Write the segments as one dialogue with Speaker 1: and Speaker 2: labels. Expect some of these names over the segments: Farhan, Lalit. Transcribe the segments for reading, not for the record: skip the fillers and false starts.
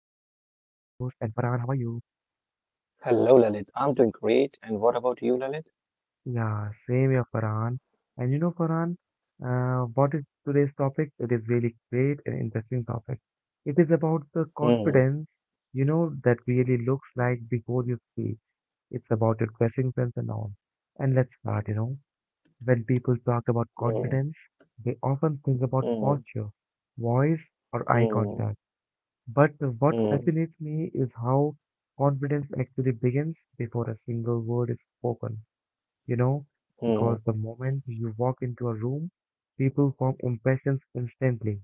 Speaker 1: are you?
Speaker 2: Hello, Lalit. I'm doing great. And what about you, Lalit?
Speaker 1: Yeah, same here, Farhan. And Farhan, what is today's topic? It is really great and interesting topic. It is about the
Speaker 2: Hmm,
Speaker 1: confidence, that really looks like before you speak. It's about your dressing sense and all. And let's start. When people talk about
Speaker 2: hmm,
Speaker 1: confidence, they often think about
Speaker 2: hmm,
Speaker 1: posture, voice, or eye
Speaker 2: hmm,
Speaker 1: contact. But what
Speaker 2: hmm,
Speaker 1: fascinates me is how confidence actually begins before a single word is spoken, you know, because
Speaker 2: hmm,
Speaker 1: the moment you walk into a room, people form impressions instantly,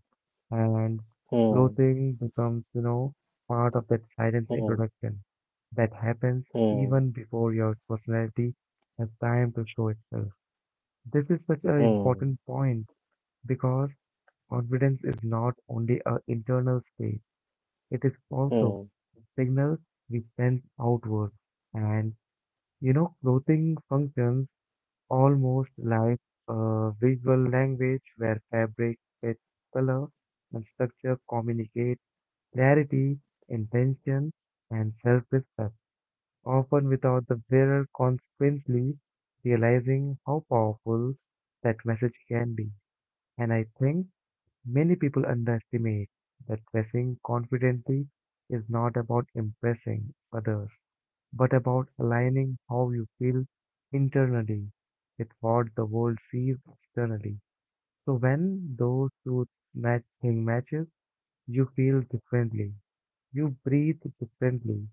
Speaker 1: and
Speaker 2: hmm,
Speaker 1: clothing becomes part of that silent
Speaker 2: hmm, hmm,
Speaker 1: introduction that happens
Speaker 2: hmm,
Speaker 1: even before your personality has time to show itself. This is such an important point because confidence is not only an internal state. It is also
Speaker 2: hmm,
Speaker 1: the signals we send outward. And clothing functions almost like a visual language where fabric, its color, and structure communicate clarity, intention, and self respect, often without the wearer consequently realizing how powerful that message can be. And I think many people underestimate that dressing confidently is not about impressing others, but about aligning how you feel internally with what the world sees externally. So when those two matches, you feel differently, you breathe differently,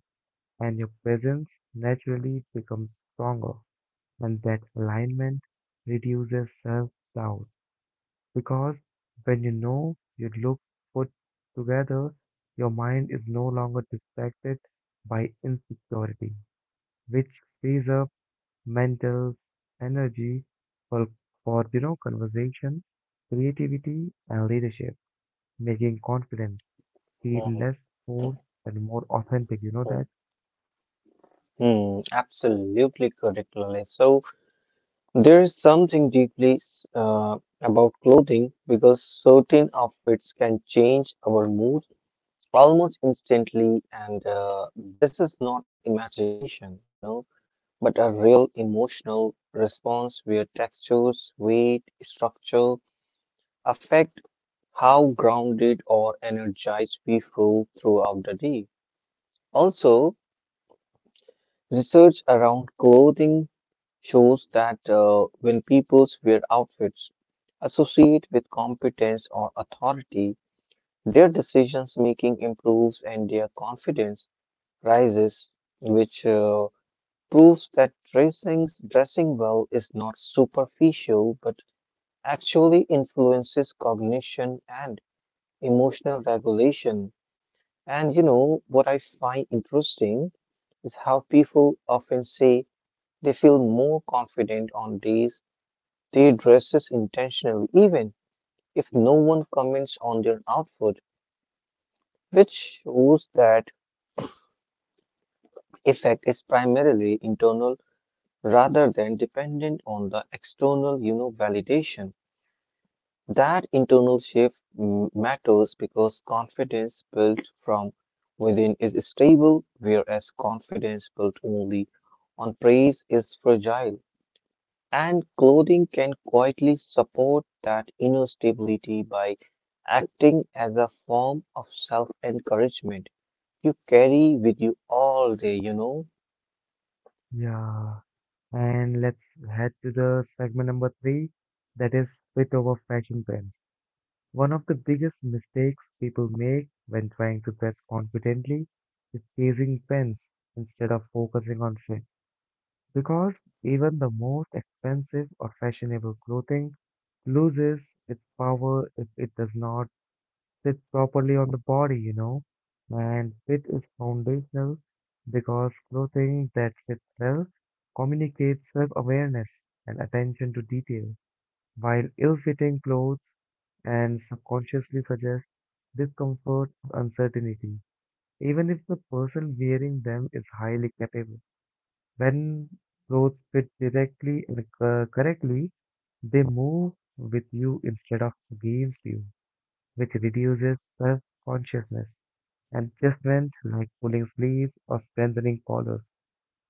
Speaker 1: and your presence naturally becomes stronger. And that alignment reduces self doubt because when you know you look put together, your mind is no longer distracted by insecurity, which frees up mental energy for, for conversation, creativity, and leadership, making confidence
Speaker 2: hmm,
Speaker 1: feel
Speaker 2: hmm,
Speaker 1: less forced and more authentic. You know that?
Speaker 2: hmm. Absolutely correct, Lalit. So there is something deeply about clothing because certain outfits can change our mood almost instantly, and this is not an imagination, you know. But a real emotional response where textures, weight, structure affect how grounded or energized we feel throughout the day. Also, research around clothing shows that when people wear outfits associate with competence or authority, their decisions making improves and their confidence rises, which proves that dressing well is not superficial but actually influences cognition and emotional regulation. And you know, what I find interesting is how people often say they feel more confident on days they dresses intentionally, even if no one comments on their outfit, which shows that effect is primarily internal rather than dependent on the external validation. That internal shift matters because confidence built from within is stable, whereas confidence built only on praise is fragile. And clothing can quietly support that inner stability by acting as a form of self encouragement you carry with you all day.
Speaker 1: Yeah. And let's head to the segment number three, that is fit over fashion trends. One of the biggest mistakes people make when trying to dress confidently is chasing trends instead of focusing on fit. Because even the most expensive or fashionable clothing loses its power if it does not sit properly on the body. And fit is foundational because clothing that fits well communicates self awareness and attention to detail while ill-fitting clothes and subconsciously suggest discomfort or uncertainty, even if the person wearing them is highly capable. When clothes fit directly and correctly, they move with you instead of against you, which reduces self-consciousness and adjustment like pulling sleeves or strengthening collars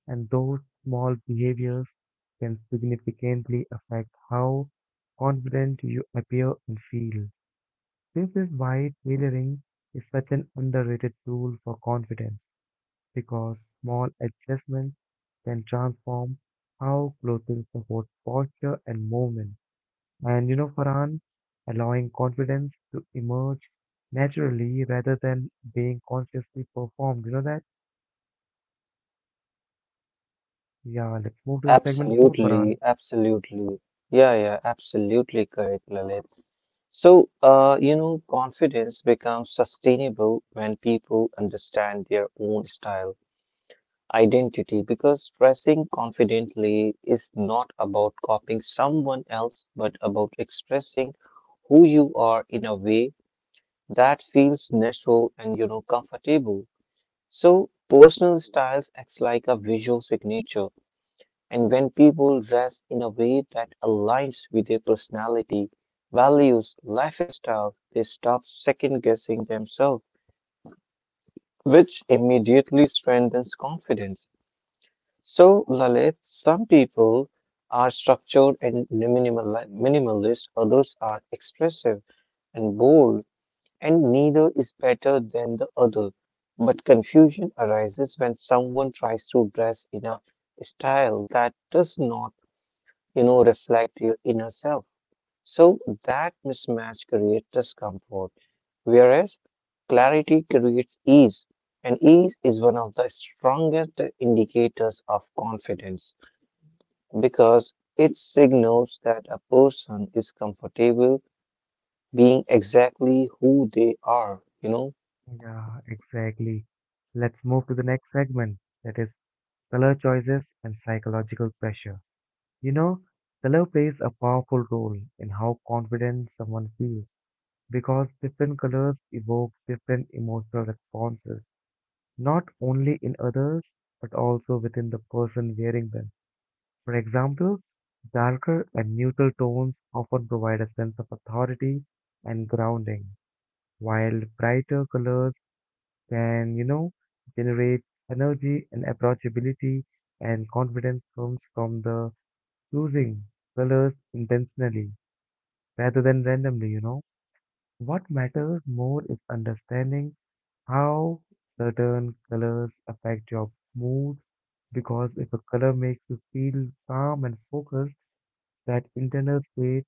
Speaker 1: and those small behaviors can significantly affect how confident you appear and feel. This is why tailoring is such an underrated tool for confidence because small adjustments can transform how clothing supports posture and movement. And Farhan, allowing confidence to emerge naturally rather than being consciously performed. You know that? Yeah, let's move to the segment four, Farhan.
Speaker 2: Absolutely, absolutely. Yeah, yeah, absolutely correct, Lalit. So, confidence becomes sustainable when people understand their own style, identity, because dressing confidently is not about copying someone else, but about expressing who you are in a way that feels natural and comfortable. So, personal styles acts like a visual signature and when people dress in a way that aligns with their personality, values, lifestyle, they stop second guessing themselves, which immediately strengthens confidence. So, Lalit, some people are structured and minimalist, others are expressive and bold, and neither is better than the other. But confusion arises when someone tries to dress in a style that does not reflect your inner self. So that mismatch creates discomfort, whereas clarity creates ease. And ease is one of the strongest indicators of confidence because it signals that a person is comfortable being exactly who they are, you know.
Speaker 1: Yeah, exactly. Let's move to the next segment, that is color choices and psychological pressure. You know, color plays a powerful role in how confident someone feels because different colors evoke different emotional responses, not only in others, but also within the person wearing them. For example, darker and neutral tones often provide a sense of authority and grounding, while brighter colors can generate energy and approachability and confidence comes from the choosing colors intentionally rather than randomly. What matters more is understanding how certain colors affect your mood because if a color makes you feel calm and focused, that internal state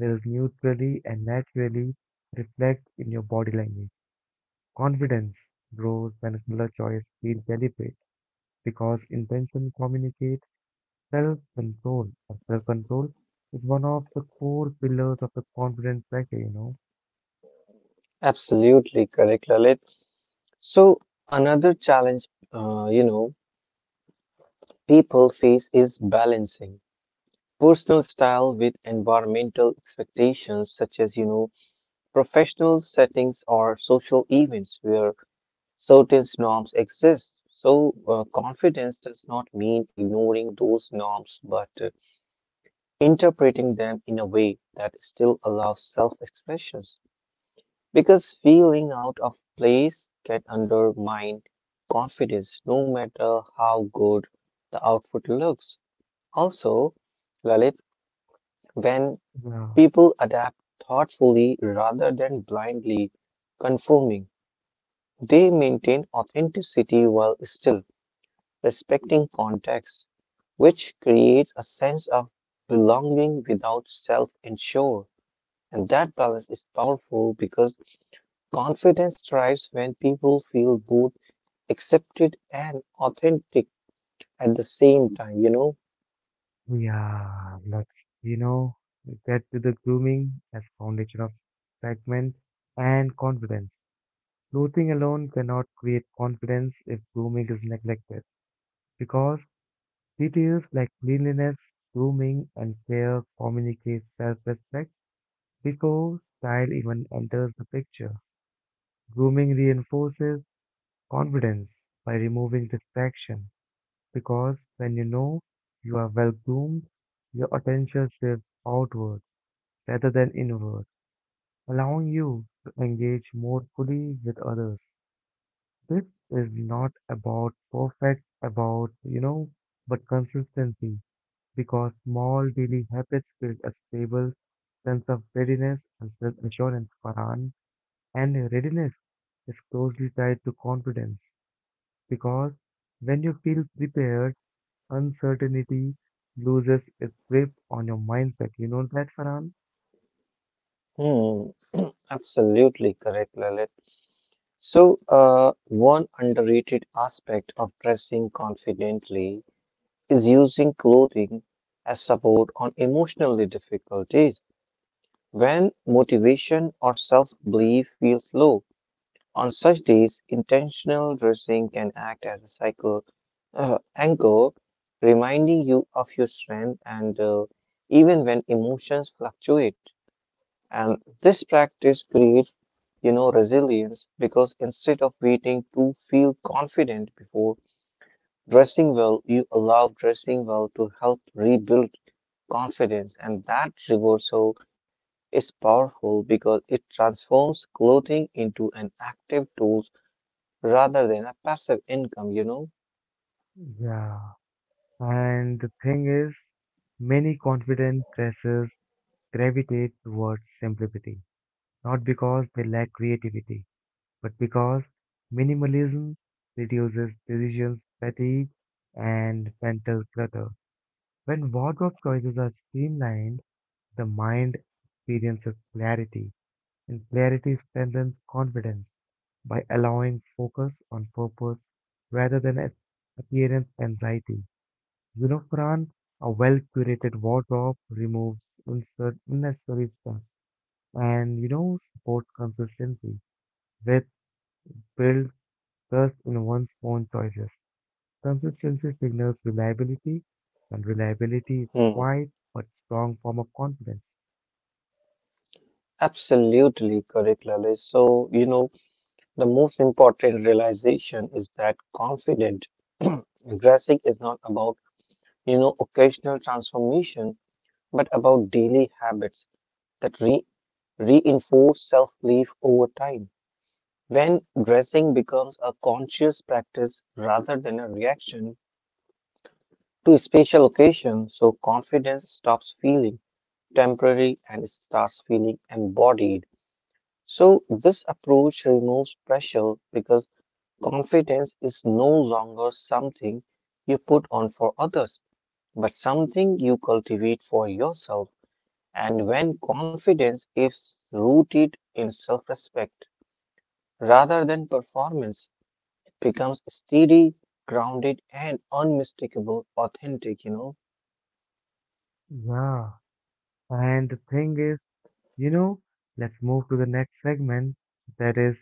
Speaker 1: will neutrally and naturally reflect in your body language. Confidence grows when color choice feels deliberate because intention communicates self-control. And self-control is one of the core pillars of the confidence factor.
Speaker 2: Absolutely correct, Lalit. So, another challenge, uh, you know, people face is balancing personal style with environmental expectations such as professional settings or social events where certain norms exist, so confidence does not mean ignoring those norms but interpreting them in a way that still allows self expressions because feeling out of place can undermine confidence no matter how good the output looks. Also, Lalit, when
Speaker 1: Yeah,
Speaker 2: people adapt thoughtfully rather than blindly conforming, they maintain authenticity while still respecting context, which creates a sense of belonging without self insure. And that balance is powerful because confidence thrives when people feel both accepted and authentic at the same time, you know?
Speaker 1: yeah, let's, you know, get to the grooming as foundation of excitement and confidence. Clothing alone cannot create confidence if grooming is neglected because details like cleanliness, grooming, and care communicate self-respect before style even enters the picture. Grooming reinforces confidence by removing distraction because when you know you are well groomed, your attention shifts outward rather than inward, allowing you to engage more fully with others. This is not about perfect, about but consistency because small daily habits build a stable sense of readiness and self assurance, Farhan. And readiness is closely tied to confidence because when you feel prepared, uncertainty loses its grip on your mindset. You know that, Farhan?
Speaker 2: Hmm. Absolutely correct, Lalit. So, one underrated aspect of dressing confidently is using clothing as support on emotionally difficult days. When motivation or self-belief feels low, on such days, intentional dressing can act as a cycle anchor, reminding you of your strength and even when emotions fluctuate. And this practice creates resilience because instead of waiting to feel confident before dressing well, you allow dressing well to help rebuild confidence. And that reversal is powerful because it transforms clothing into an active tool rather than a passive income, you know.
Speaker 1: Yeah, and the thing is, many confident pressers gravitate towards simplicity, not because they lack creativity, but because minimalism reduces decisions fatigue and mental clutter. When wardrobe choices are streamlined, the mind experiences clarity, and clarity strengthens confidence by allowing focus on purpose rather than appearance anxiety. Fran, a well curated wardrobe removes unnecessary stress and supports consistency, which builds trust in one's own choices. Consistency signals reliability, and reliability is
Speaker 2: Hmm.
Speaker 1: quiet but strong form of confidence.
Speaker 2: Absolutely correct, Lalit. So, you know, the most important realization is that confident dressing is not about occasional transformation but about daily habits that reinforce self belief over time. When dressing becomes a conscious practice rather than a reaction to a special occasion, so confidence stops feeling temporary and starts feeling embodied. So, this approach removes pressure because confidence is no longer something you put on for others, but something you cultivate for yourself. And when confidence is rooted in self respect rather than performance, it becomes steady, grounded, and unmistakable, authentic, you know?
Speaker 1: Yeah, and the thing is, You know, let's move to the next segment that is,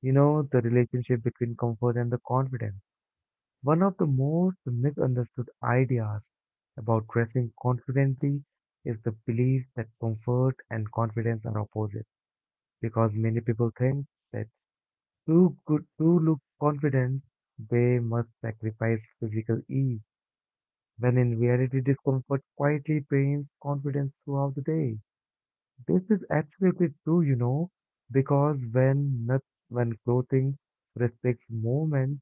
Speaker 1: you know, the relationship between comfort and the confidence. One of the most misunderstood ideas about dressing confidently is the belief that comfort and confidence are opposite because many people think that to good to look confident they must sacrifice physical ease when in reality discomfort quietly drains confidence throughout the day. This is absolutely true, because when clothing respects movement,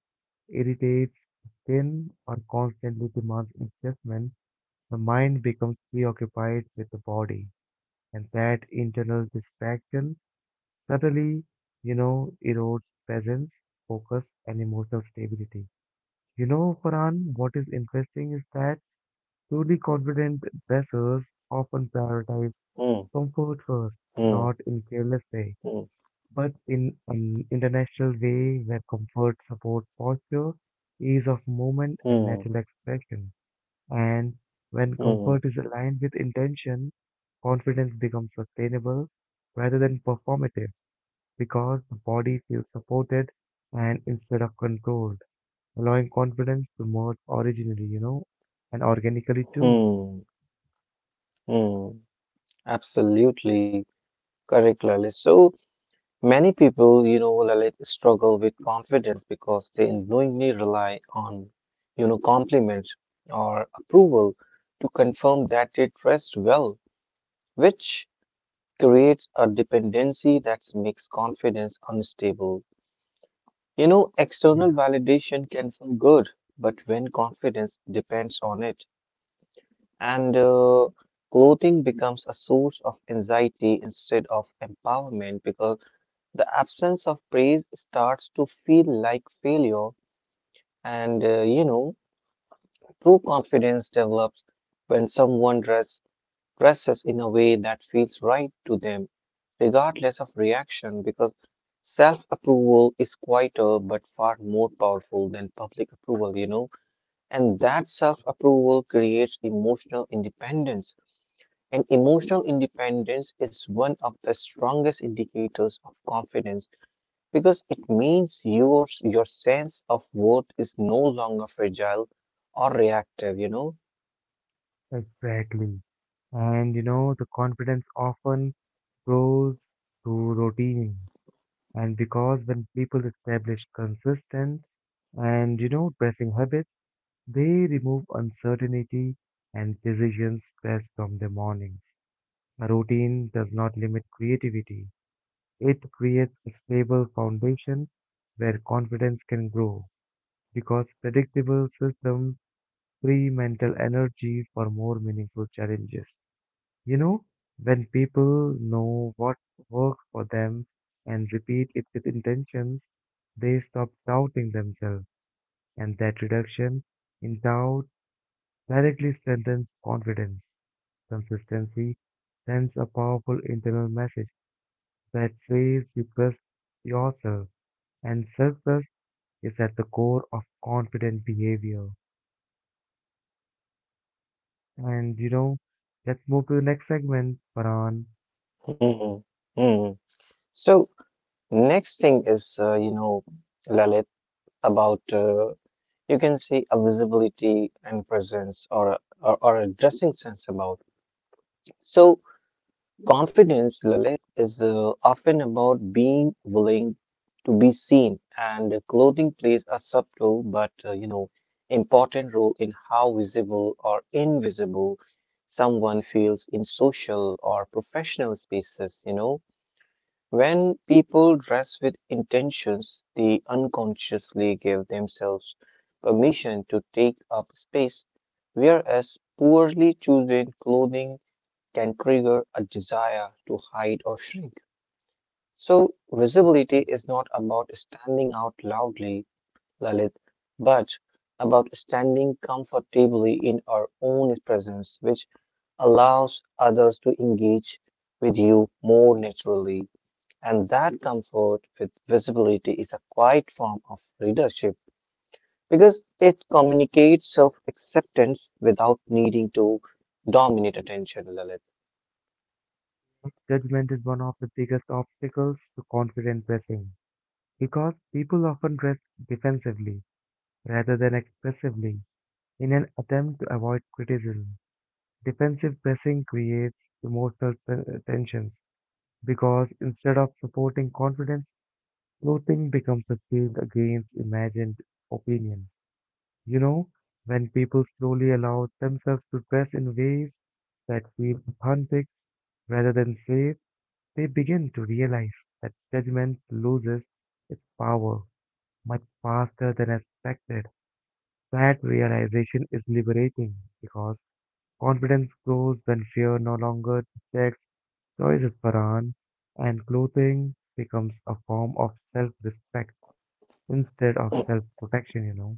Speaker 1: irritates skin, or constantly demands adjustment, the mind becomes preoccupied with the body, and that internal distraction subtly erodes presence, focus, and emotional stability. Farhan, what is interesting is that truly confident dressers often prioritize
Speaker 2: Hmm,
Speaker 1: comfort first,
Speaker 2: hmm,
Speaker 1: not in careless way but in an international way where comfort supports posture, ease of movement, and
Speaker 2: hmm,
Speaker 1: natural expression. And when
Speaker 2: hmm, hmm,
Speaker 1: comfort is aligned with intention, confidence becomes sustainable rather than performative because the body feels supported and instead of controlled, allowing confidence to merge originally, and organically too.
Speaker 2: hmm, hmm. Absolutely correct, Lalit. So many people, you know, Lalit, struggle with confidence because they knowingly rely on, compliments or approval to confirm that they dressed well, which creates a dependency that makes confidence unstable. You know, external
Speaker 1: Yeah,
Speaker 2: validation can feel good, but when confidence depends on it, and clothing becomes a source of anxiety instead of empowerment because the absence of praise starts to feel like failure. And true confidence develops when someone dresses in a way that feels right to them, regardless of reaction, because self approval is quieter but far more powerful than public approval, you know. And that self approval creates emotional independence. And emotional independence is one of the strongest indicators of confidence because it means your sense of worth is no longer fragile or reactive, you know.
Speaker 1: exactly. And the confidence often grows through routine and because when people establish consistent and dressing habits, they remove uncertainty and decision stress from their mornings. A routine does not limit creativity. It creates a stable foundation where confidence can grow because predictable systems free mental energy for more meaningful challenges. You know, when people know what works for them and repeat it with intentions, they stop doubting themselves, and that reduction in doubt directly strengthens confidence. Consistency sends a powerful internal message that says you trust yourself, and self trust is at the core of confident behavior. And let's move to the next segment, Paran.
Speaker 2: Mhm. Mhm. So, next thing is, Lalit, about you can say a visibility and presence or a dressing sense about. So, confidence, Lalit, is often about being willing to be seen, and clothing plays a subtle but, important role in how visible or invisible someone feels in social or professional spaces, you know. When people dress with intentions, they unconsciously give themselves permission to take up space, whereas poorly chosen clothing can trigger a desire to hide or shrink. So, visibility is not about standing out loudly, Lalit, but about standing comfortably in our own presence, which allows others to engage with you more naturally. And that comfort with visibility is a quiet form of leadership because it communicates self acceptance without needing to dominate attention, Lalit.
Speaker 1: Judgment is one of the biggest obstacles to confident dressing because people often dress defensively rather than expressively in an attempt to avoid criticism. Defensive dressing creates emotional tensions because instead of supporting confidence, clothing becomes a shield against imagined opinion. You know, when people slowly allow themselves to dress in ways that feel authentic rather than safe, they begin to realize that judgment loses its power much faster than expected. That realization is liberating because confidence grows when fear no longer dictates choices for Ann, and clothing becomes a form of self respect instead of
Speaker 2: Mm,
Speaker 1: self protection.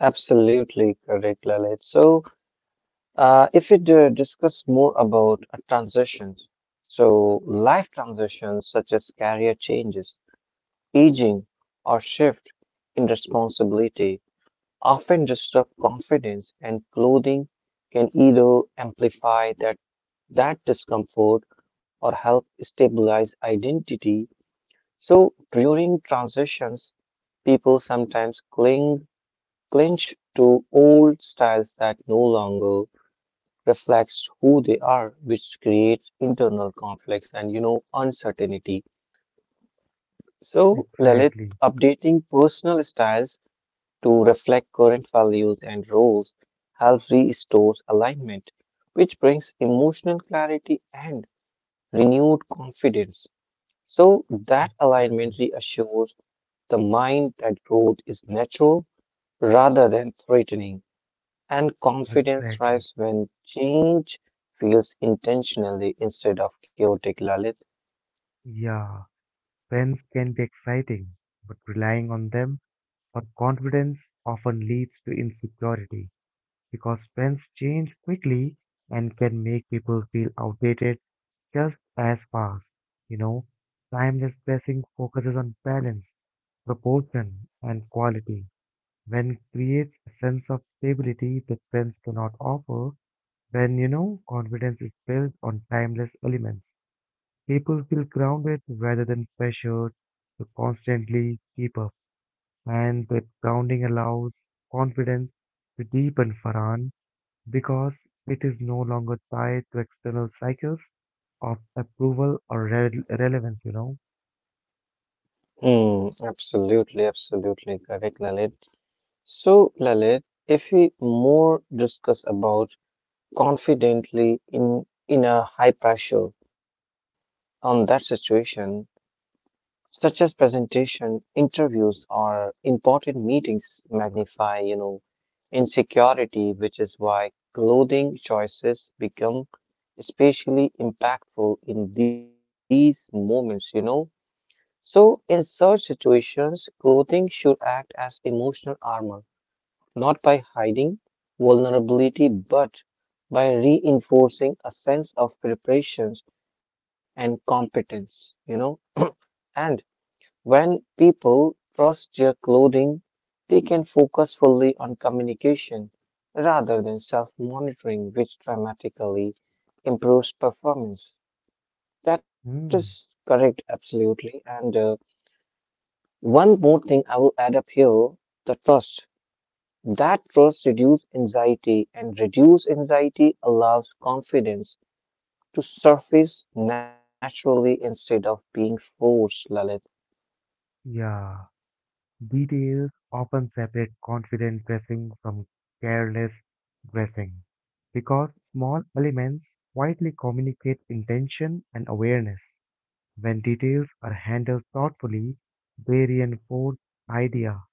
Speaker 2: absolutely correct, Lalit. So, if we do discuss more about transitions, so life transitions such as career changes, aging, or shift in responsibility often disrupt confidence, and clothing can either amplify that discomfort or help stabilize identity. So during transitions, people sometimes cling clinch to old styles that no longer reflects who they are, which creates internal conflicts and you know uncertainty. So Lalit,
Speaker 1: Exactly.
Speaker 2: updating personal styles to reflect current values and roles helps restore alignment, which brings emotional clarity and renewed confidence. So that alignment
Speaker 1: Exactly.
Speaker 2: reassures the mind that growth is natural rather than threatening, and confidence
Speaker 1: Exactly.
Speaker 2: thrives when change feels intentionally instead of chaotic, Lalit.
Speaker 1: Yeah. Friends can be exciting, but relying on them for confidence often leads to insecurity because trends change quickly and can make people feel outdated just as fast. You know, timeless dressing focuses on balance, proportion, and quality. When creates a sense of stability that trends cannot offer, when you know confidence is built on timeless elements, people feel grounded rather than pressured to constantly keep up, and that grounding allows confidence to deepen, Farhan, because it is no longer tied to external cycles of approval or relevance.
Speaker 2: Hmm, absolutely, absolutely correct, Lalit. So, Lalit, if we more discuss about confidently in a high pressure on that situation, such as presentation, interviews, or important meetings magnify, you know, insecurity, which is why clothing choices become especially impactful in these moments, you know. So, in such situations, clothing should act as emotional armor, not by hiding vulnerability, but by reinforcing a sense of preparations and competence, you know. And when people trust their clothing, they can focus fully on communication rather than self monitoring, which dramatically improves performance. That is
Speaker 1: Mm,
Speaker 2: correct, absolutely. And one more thing I will add up here the trust. That trust reduces anxiety, and reduced anxiety allows confidence to surface naturally instead of being forced, Lalit.
Speaker 1: yeah, details often separate confident dressing from careless dressing because small elements quietly communicate intention and awareness. When details are handled thoughtfully, they reinforce the idea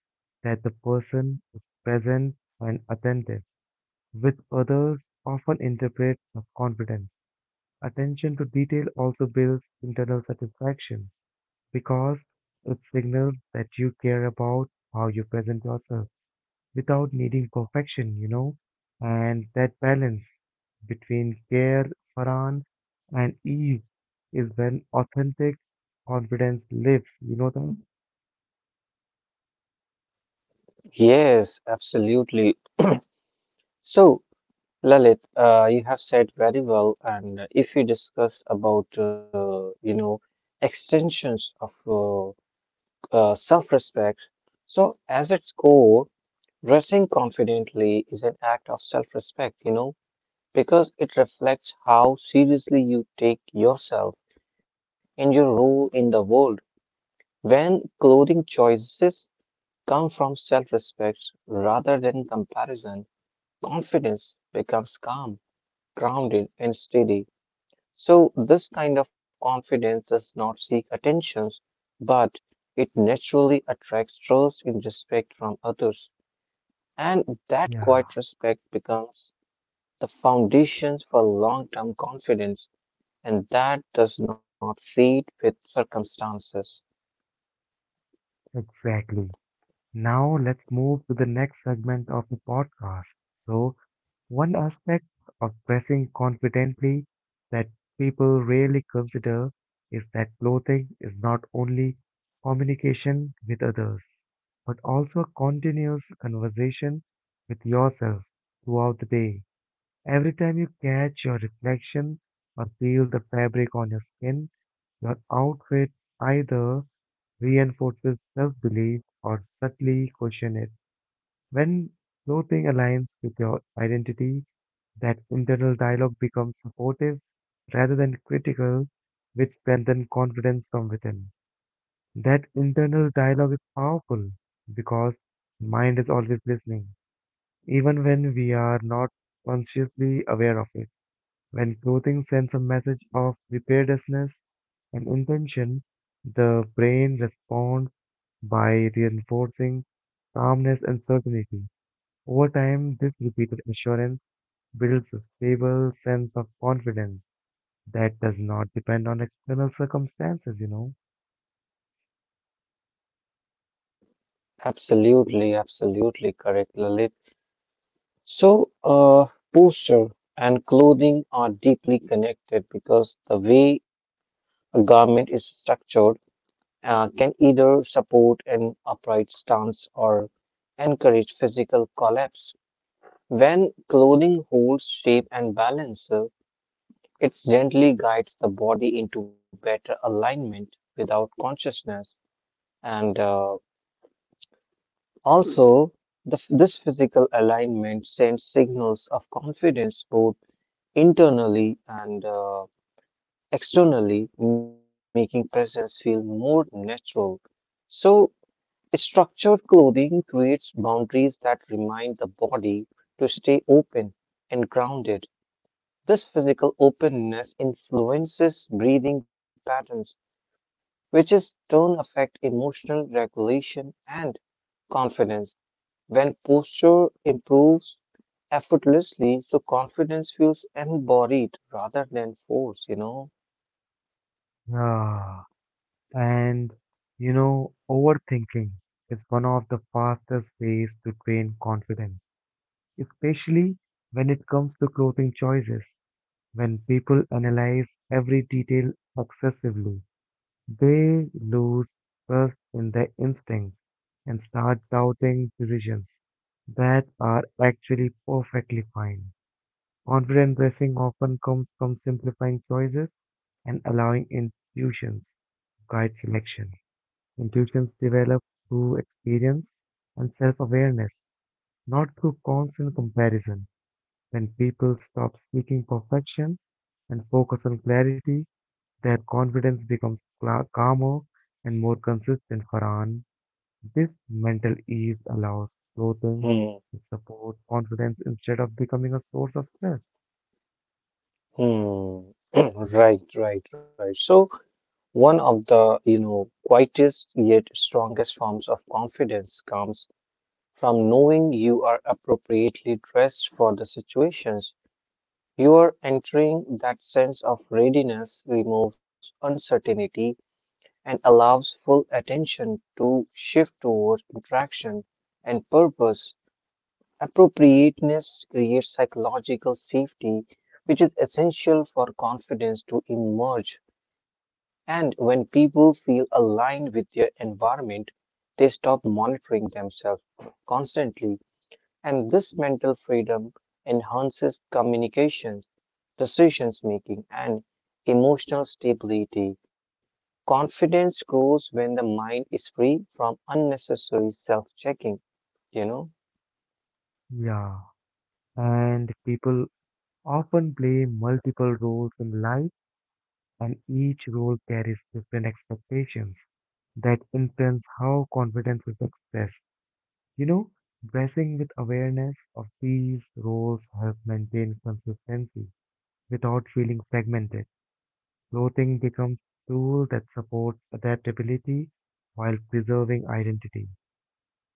Speaker 1: that the person is present and attentive, which others often interpret as confidence. Attention to detail also builds internal satisfaction because it signals that you care about how you present yourself without needing perfection, and that balance between care, Farhan, and ease is when authentic confidence lives, you know that?
Speaker 2: Yes, absolutely. So, Lalit, you have said very well, and if we discuss about you know extensions of self-respect, so as its core, dressing confidently is an act of self-respect, you know, because it reflects how seriously you take yourself and your role in the world. When clothing choices come from self-respect rather than comparison, confidence becomes calm, grounded, and steady. So, this kind of confidence does not seek attentions, but it naturally attracts trust and respect from others. And that
Speaker 1: Yeah,
Speaker 2: quiet respect becomes the foundations for long term confidence, and that does not fade with circumstances.
Speaker 1: exactly. Now let's move to the next segment of the podcast. So, one aspect of dressing confidently that people rarely consider is that clothing is not only communication with others, but also a continuous conversation with yourself throughout the day. Every time you catch your reflection or feel the fabric on your skin, your outfit either reinforces self belief or subtly questions it. When clothing aligns with your identity, that internal dialogue becomes supportive rather than critical, which strengthens confidence from within. That internal dialogue is powerful because mind is always listening, even when we are not consciously aware of it. When clothing sends a message of preparedness and intention, the brain responds by reinforcing calmness and certainty. Over time, this repeated assurance builds a stable sense of confidence that does not depend on external circumstances.
Speaker 2: Absolutely, absolutely correct, Lalit. So, posture and clothing are deeply connected because the way a garment is structured can either support an upright stance or encourage physical collapse. When clothing holds shape and balance, it gently guides the body into better alignment without consciousness. And also, this physical alignment sends signals of confidence both internally and externally, making presence feel more natural. So, structured clothing creates boundaries that remind the body to stay open and grounded. This physical openness influences breathing patterns, which in turn affect emotional regulation and confidence. When posture improves effortlessly, so confidence feels embodied rather than forced, you know?
Speaker 1: Ah, and overthinking is one of the fastest ways to drain confidence, especially when it comes to clothing choices. When people analyze every detail excessively, they lose trust in their instincts and start doubting decisions that are actually perfectly fine. Confident dressing often comes from simplifying choices and allowing intuitions to guide selection. Intuitions develop through experience and self awareness, not through constant comparison. When people stop seeking perfection and focus on clarity, their confidence becomes calmer and more consistent. Farhan, this mental ease allows clothing
Speaker 2: Hmm.
Speaker 1: to support confidence instead of becoming a source of stress.
Speaker 2: Hmm. Right, right, right. So, one of the, you know, quietest yet strongest forms of confidence comes from knowing you are appropriately dressed for the situations you are entering. That sense of readiness removes uncertainty and allows full attention to shift towards interaction and purpose. Appropriateness creates psychological safety, which is essential for confidence to emerge, and when people feel aligned with their environment, they stop monitoring themselves constantly. And this mental freedom enhances communications, decisions making, and emotional stability. Confidence grows when the mind is free from unnecessary self checking, you know?
Speaker 1: Yeah, and people often play multiple roles in life and each role carries different expectations that influence how confidence is expressed. You know, dressing with awareness of these roles helps maintain consistency without feeling fragmented. Clothing becomes a tool that supports adaptability while preserving identity.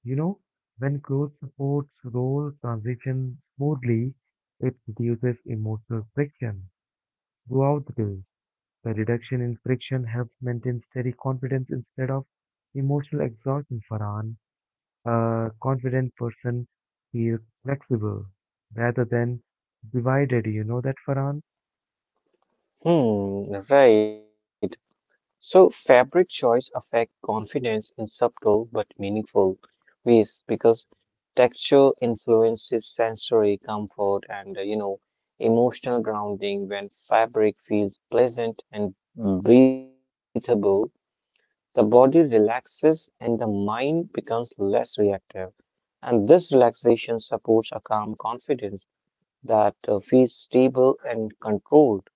Speaker 1: You know, when clothes supports role transition smoothly, it reduces emotional friction throughout the day. The reduction in friction helps maintain steady confidence instead of emotional exhaustion for an a confident person feels flexible rather than divided. You know that, Farhan?
Speaker 2: Hmm, right. So, fabric choice affect confidence in subtle but meaningful ways because texture influences sensory comfort and emotional grounding. When fabric feels pleasant and breathable, the body relaxes and the mind becomes less reactive. And this relaxation supports a calm confidence that feels stable and controlled.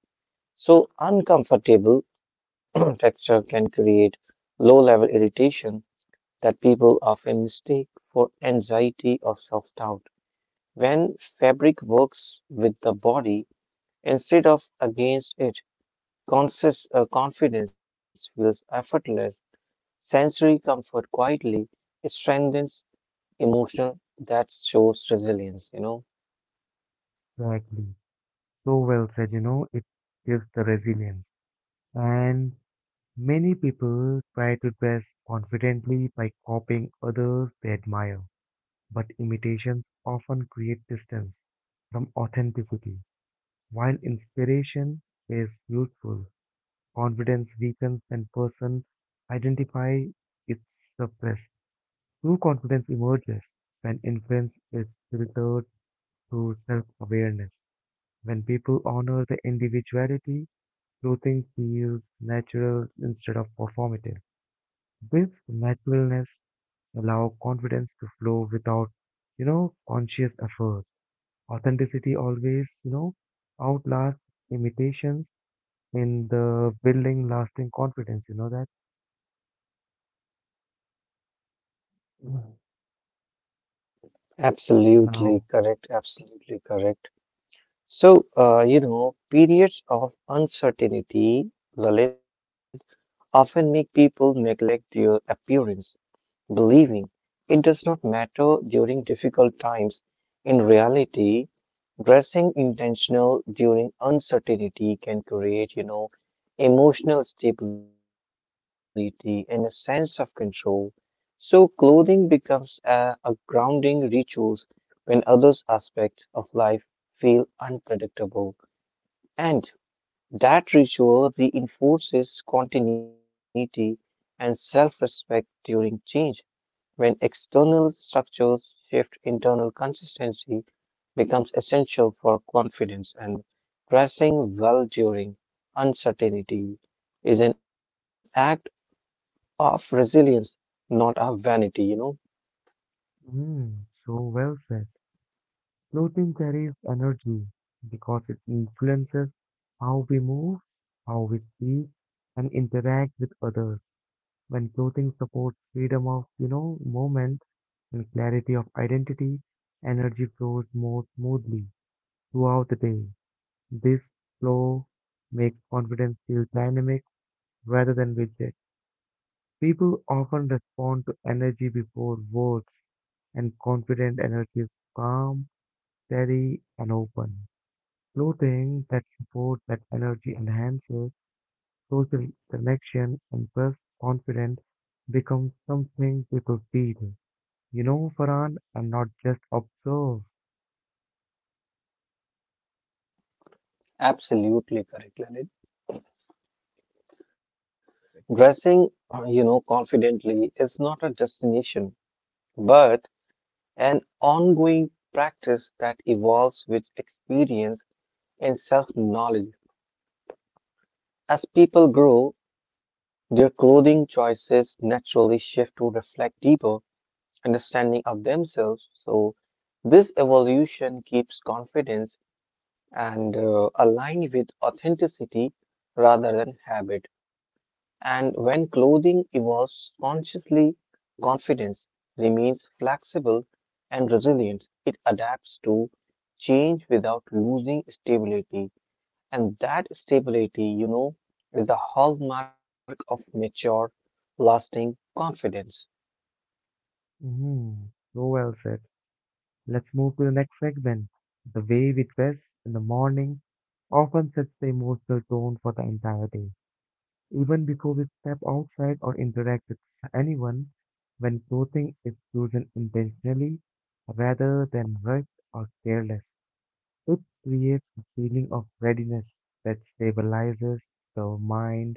Speaker 2: So, uncomfortable texture can create low level irritation that people often mistake for anxiety or self doubt. When fabric works with the body instead of against it, conscious, confidence feels effortless. Sensory comfort quietly strengthens emotion that shows resilience.
Speaker 1: Exactly. So well said, it gives the resilience. And many people try to dress confidently by copying others they admire, but imitations often create distance from authenticity, while inspiration is useful. Confidence weakens when person identify its suppressed. True confidence emerges when influence is filtered through self-awareness. When people honor the individuality, clothing feels natural instead of performative. This naturalness allows confidence to flow without, conscious effort. Authenticity always, outlasts imitations in the building lasting confidence. You know that? Now,
Speaker 2: Absolutely correct. Absolutely correct. So, periods of uncertainty, Lalit, often make people neglect their appearance, believing it does not matter during difficult times. In reality, dressing intentional during uncertainty can create, you know, emotional stability and a sense of control. So, clothing becomes a grounding rituals when others aspects of life feel unpredictable. And that ritual reinforces continuity and self respect during change. When external structures shift, internal consistency becomes essential for confidence, and dressing well during uncertainty is an act of resilience, not of vanity. You know,
Speaker 1: mm, so well said. Clothing carries energy because it influences how we move, how we speak, and interact with others. When clothing supports freedom of, movement and clarity of identity, energy flows more smoothly throughout the day. This flow makes confidence feel dynamic rather than rigid. People often respond to energy before words, and confident energy is calm, steady and open. Clothing that supports that energy enhances social connection and self confidence becomes something people feel. You know, Farhan, and not just observe.
Speaker 2: absolutely correct, Lalit. Dressing, confidently is not a destination, but an ongoing practice that evolves with experience and self knowledge. As people grow, their clothing choices naturally shift to reflect deeper understanding of themselves. So, this evolution keeps confidence and align with authenticity rather than habit. And when clothing evolves consciously, confidence remains flexible and resilient. It adapts to change without losing stability. And that stability, you know, is the hallmark of mature, lasting confidence.
Speaker 1: hmm So well said. Let's move to the next segment. The way we dress in the morning often sets the emotional tone for the entire day. Even before we step outside or interact with anyone, when clothing is chosen intentionally rather than rushed or careless, it creates a feeling of readiness that stabilizes the mind.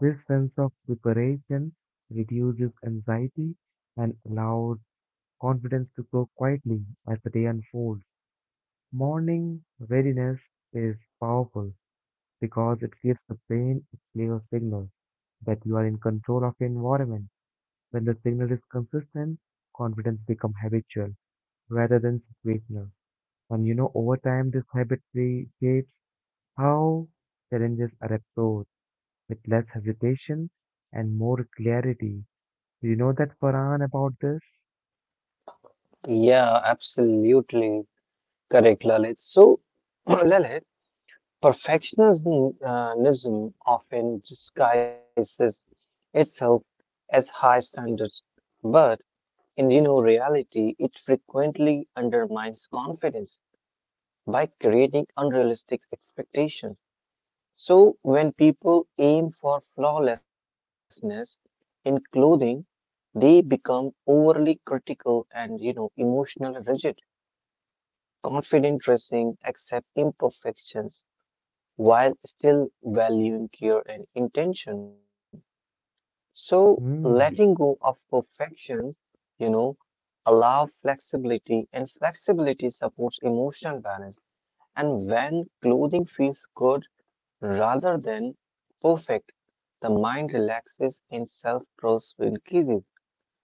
Speaker 1: This sense of preparation reduces anxiety and allows confidence to grow quietly as the day unfolds. Morning readiness is powerful because it gives the brain a clear signal that you are in control of your environment. When the signal is consistent, confidence becomes habitual rather than situational. And over time, this habit shapes how challenges are approached with less hesitation and more clarity. Do you know that, Farhan, about this?
Speaker 2: Yeah, absolutely correct, Lalit. So, Lalit, perfectionism often disguises itself as high standards. But In you know reality, it frequently undermines confidence by creating unrealistic expectations. So when people aim for flawlessness in clothing, they become overly critical and emotionally rigid. Confident dressing accept imperfections while still valuing care and intention. So letting go
Speaker 1: Hmm.
Speaker 2: of perfections, you know, allow flexibility, and flexibility supports emotional balance. And when clothing feels good rather than perfect, the mind relaxes and self trust increases.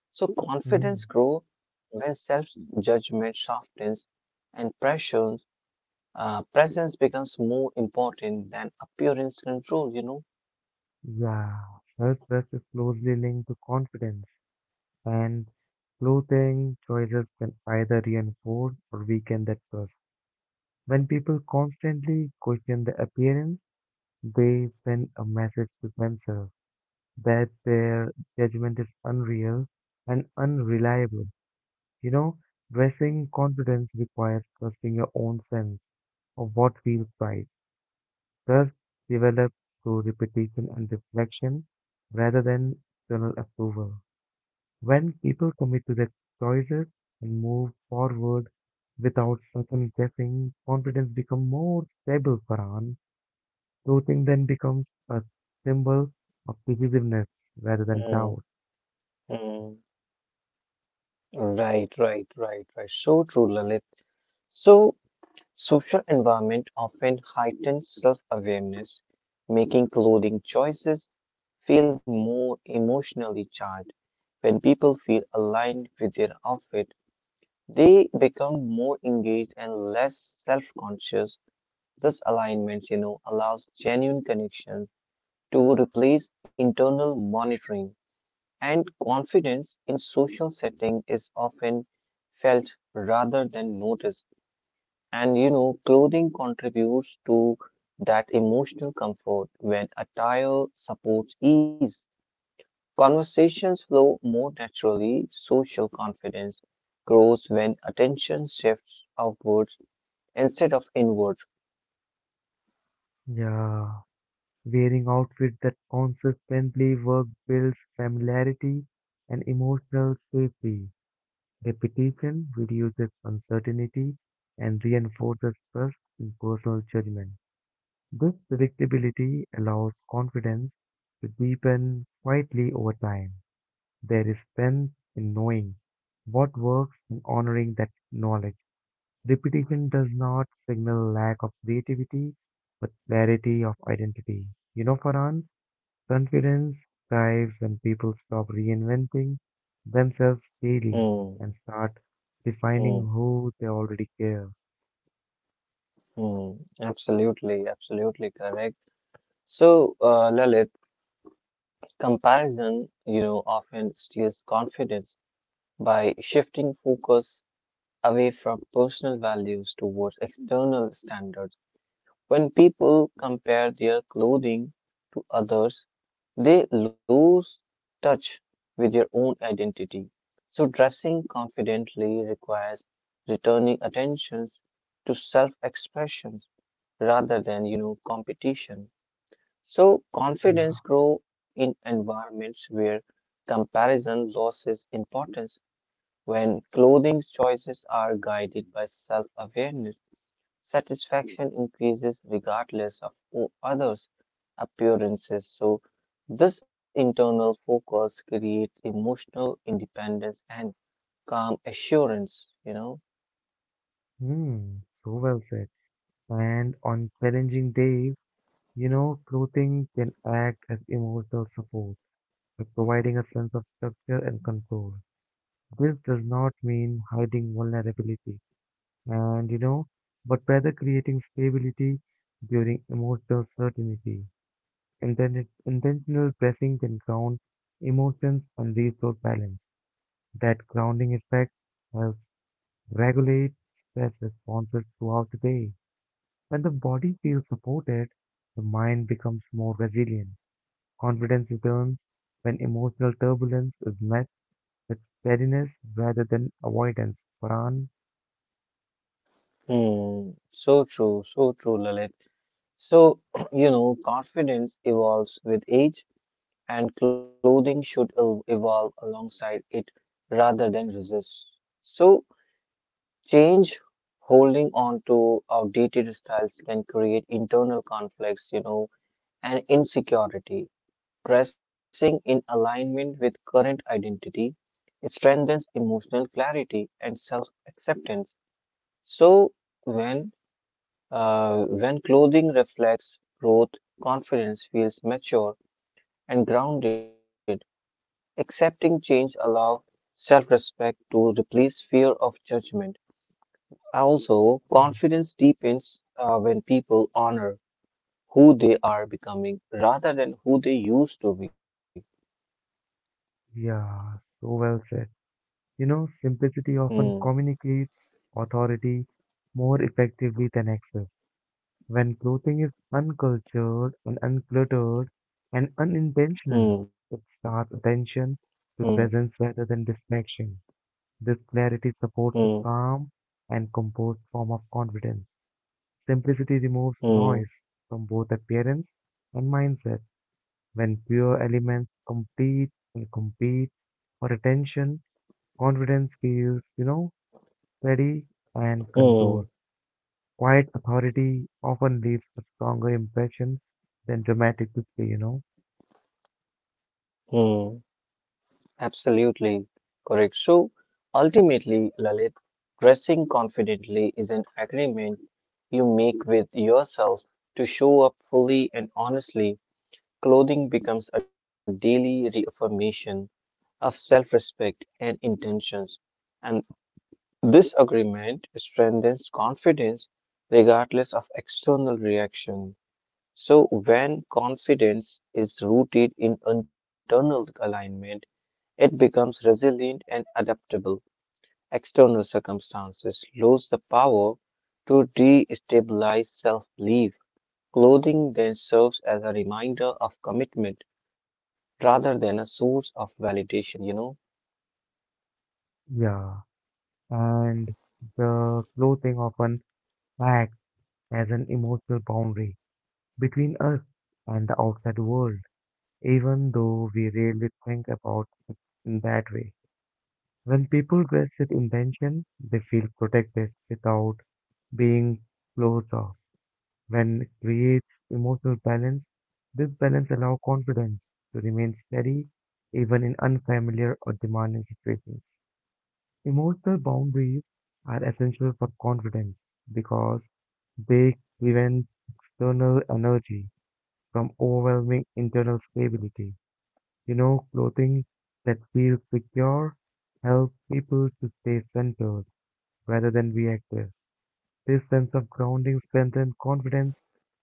Speaker 2: So,
Speaker 1: Hmm.
Speaker 2: confidence grows when self judgment softens and presence becomes more important than appearance control, you know.
Speaker 1: Yeah. Self trust is closely linked to confidence, and clothing choices can either reinforce or weaken that trust. When people constantly question their appearance, they send a message to themselves that their judgment is unreal and unreliable. You know, dressing confidence requires trusting your own sense of what feels right. Trust develops through repetition and reflection rather than external approval. When people commit to their choices and move forward without second guessing, confidence becomes more stable, Farhan. Looting then becomes a symbol of divisiveness rather than
Speaker 2: Mm,
Speaker 1: doubt.
Speaker 2: mm. Right, right, right, right. So true, Lalit. So, social environment often heightens self-awareness, making clothing choices feel more emotionally charged. When people feel aligned with their outfit, they become more engaged and less self-conscious. This alignment, you know, allows genuine connection to replace internal monitoring. And confidence in social setting is often felt rather than noticed. And you know, clothing contributes to that emotional comfort when attire supports ease. Conversations flow more naturally, social confidence grows when attention shifts outwards instead of inwards.
Speaker 1: Yeah, wearing outfits that consistently work builds familiarity and emotional safety. Repetition reduces uncertainty and reinforces trust in personal judgment. This predictability allows confidence to deepen quietly over time. There is strength in knowing what works and honoring that knowledge. Repetition does not signal lack of creativity, but clarity of identity. You know, Farhan, confidence thrives when people stop reinventing themselves daily
Speaker 2: Hmm,
Speaker 1: and start defining
Speaker 2: hmm,
Speaker 1: who they already care.
Speaker 2: hmm. Absolutely, absolutely correct. So, Lalit, comparison, you know, often steals confidence by shifting focus away from personal values towards external standards. When people compare their clothing to others, they lose touch with their own identity. So, dressing confidently requires returning attentions to self expression rather than, you know, competition. So, confidence
Speaker 1: Yeah.
Speaker 2: grows in environments where comparison loses importance. When clothing choices are guided by self awareness, satisfaction increases regardless of others' appearances. So, this internal focus creates emotional independence and calm assurance, you know.
Speaker 1: Hmm. So well said. And on challenging days, clothing can act as emotional support by providing a sense of structure and control. This does not mean hiding vulnerability and you know, but rather creating stability during emotional certainty. Intentional pressing can ground emotions and restore balance. That grounding effect helps regulate stress responses throughout the day. When the body feels supported, the mind becomes more resilient. Confidence returns when emotional turbulence is met with steadiness rather than avoidance. Paran,
Speaker 2: Hmm, so true, Lalit. So, you know, confidence evolves with age, and clothing should evolve alongside it rather than resist. So, Change, holding on to outdated styles can create internal conflicts, you know, and insecurity. Dressing in alignment with current identity strengthens emotional clarity and self-acceptance. So when when clothing reflects growth, confidence feels mature and grounded. Accepting change allows self-respect to replace fear of judgment. Also, confidence deepens when people honor who they are becoming rather than who they used to be.
Speaker 1: yeah, so well said. You know, simplicity
Speaker 2: Hmm.
Speaker 1: often communicates authority more effectively than excess. When clothing is uncultured and uncluttered and unintentional,
Speaker 2: Hmm.
Speaker 1: it starts attention
Speaker 2: Hmm.
Speaker 1: to presence rather than distraction. This clarity supports
Speaker 2: Hmm.
Speaker 1: a calm and composed form of confidence. Simplicity removes
Speaker 2: Hmm.
Speaker 1: noise from both appearance and mindset. When pure elements complete and compete for attention, confidence feels, steady and
Speaker 2: Hmm.
Speaker 1: controlled. Quiet authority often leaves a stronger impression than dramatic display, you know?
Speaker 2: Hmm. Absolutely correct. So, ultimately, Lalit, dressing confidently is an agreement you make with yourself to show up fully and honestly. Clothing becomes a daily reaffirmation of self respect and intentions. And this agreement strengthens confidence regardless of external reaction. So, when confidence is rooted in internal alignment, it becomes resilient and adaptable. External circumstances lose the power to destabilize self belief. Clothing then serves as a reminder of commitment rather than a source of validation, you know?
Speaker 1: Yeah. And the clothing often acts as an emotional boundary between us and the outside world, even though we rarely think about it in that way. When people dress with intention, they feel protected without being closed off. When creates emotional balance, this balance allows confidence to remain steady even in unfamiliar or demanding situations. Emotional boundaries are essential for confidence because they prevent external energy from overwhelming internal stability. You know, clothing that feels secure helps people to stay centered rather than reactive. This sense of grounding strengthens confidence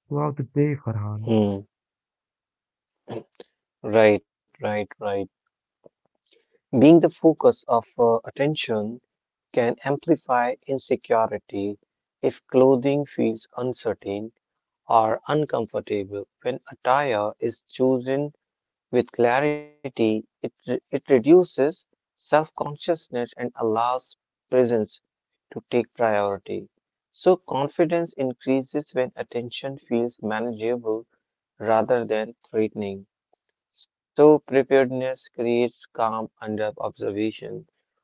Speaker 1: throughout the day, Farhan.
Speaker 2: Hmm. Right, right, right. Being the focus of attention can amplify insecurity if clothing feels uncertain or uncomfortable. When attire is chosen with clarity, it reduces self consciousness and allows presence to take priority. So, confidence increases when attention feels manageable rather than threatening. So, preparedness creates calm under observation.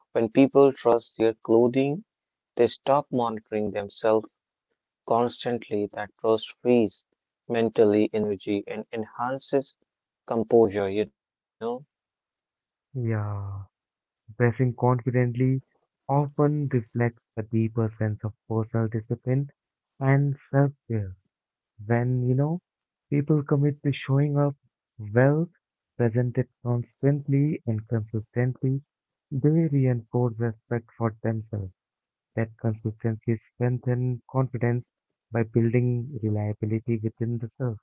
Speaker 2: When people trust their clothing, they stop monitoring themselves constantly. That trust frees mentally energy and enhances composure, you know?
Speaker 1: Yeah, dressing confidently often reflects a deeper sense of personal discipline and self-care. When, people commit to showing up well, presented constantly and consistently, they reinforce respect for themselves. That consistency strengthens confidence by building reliability within the self.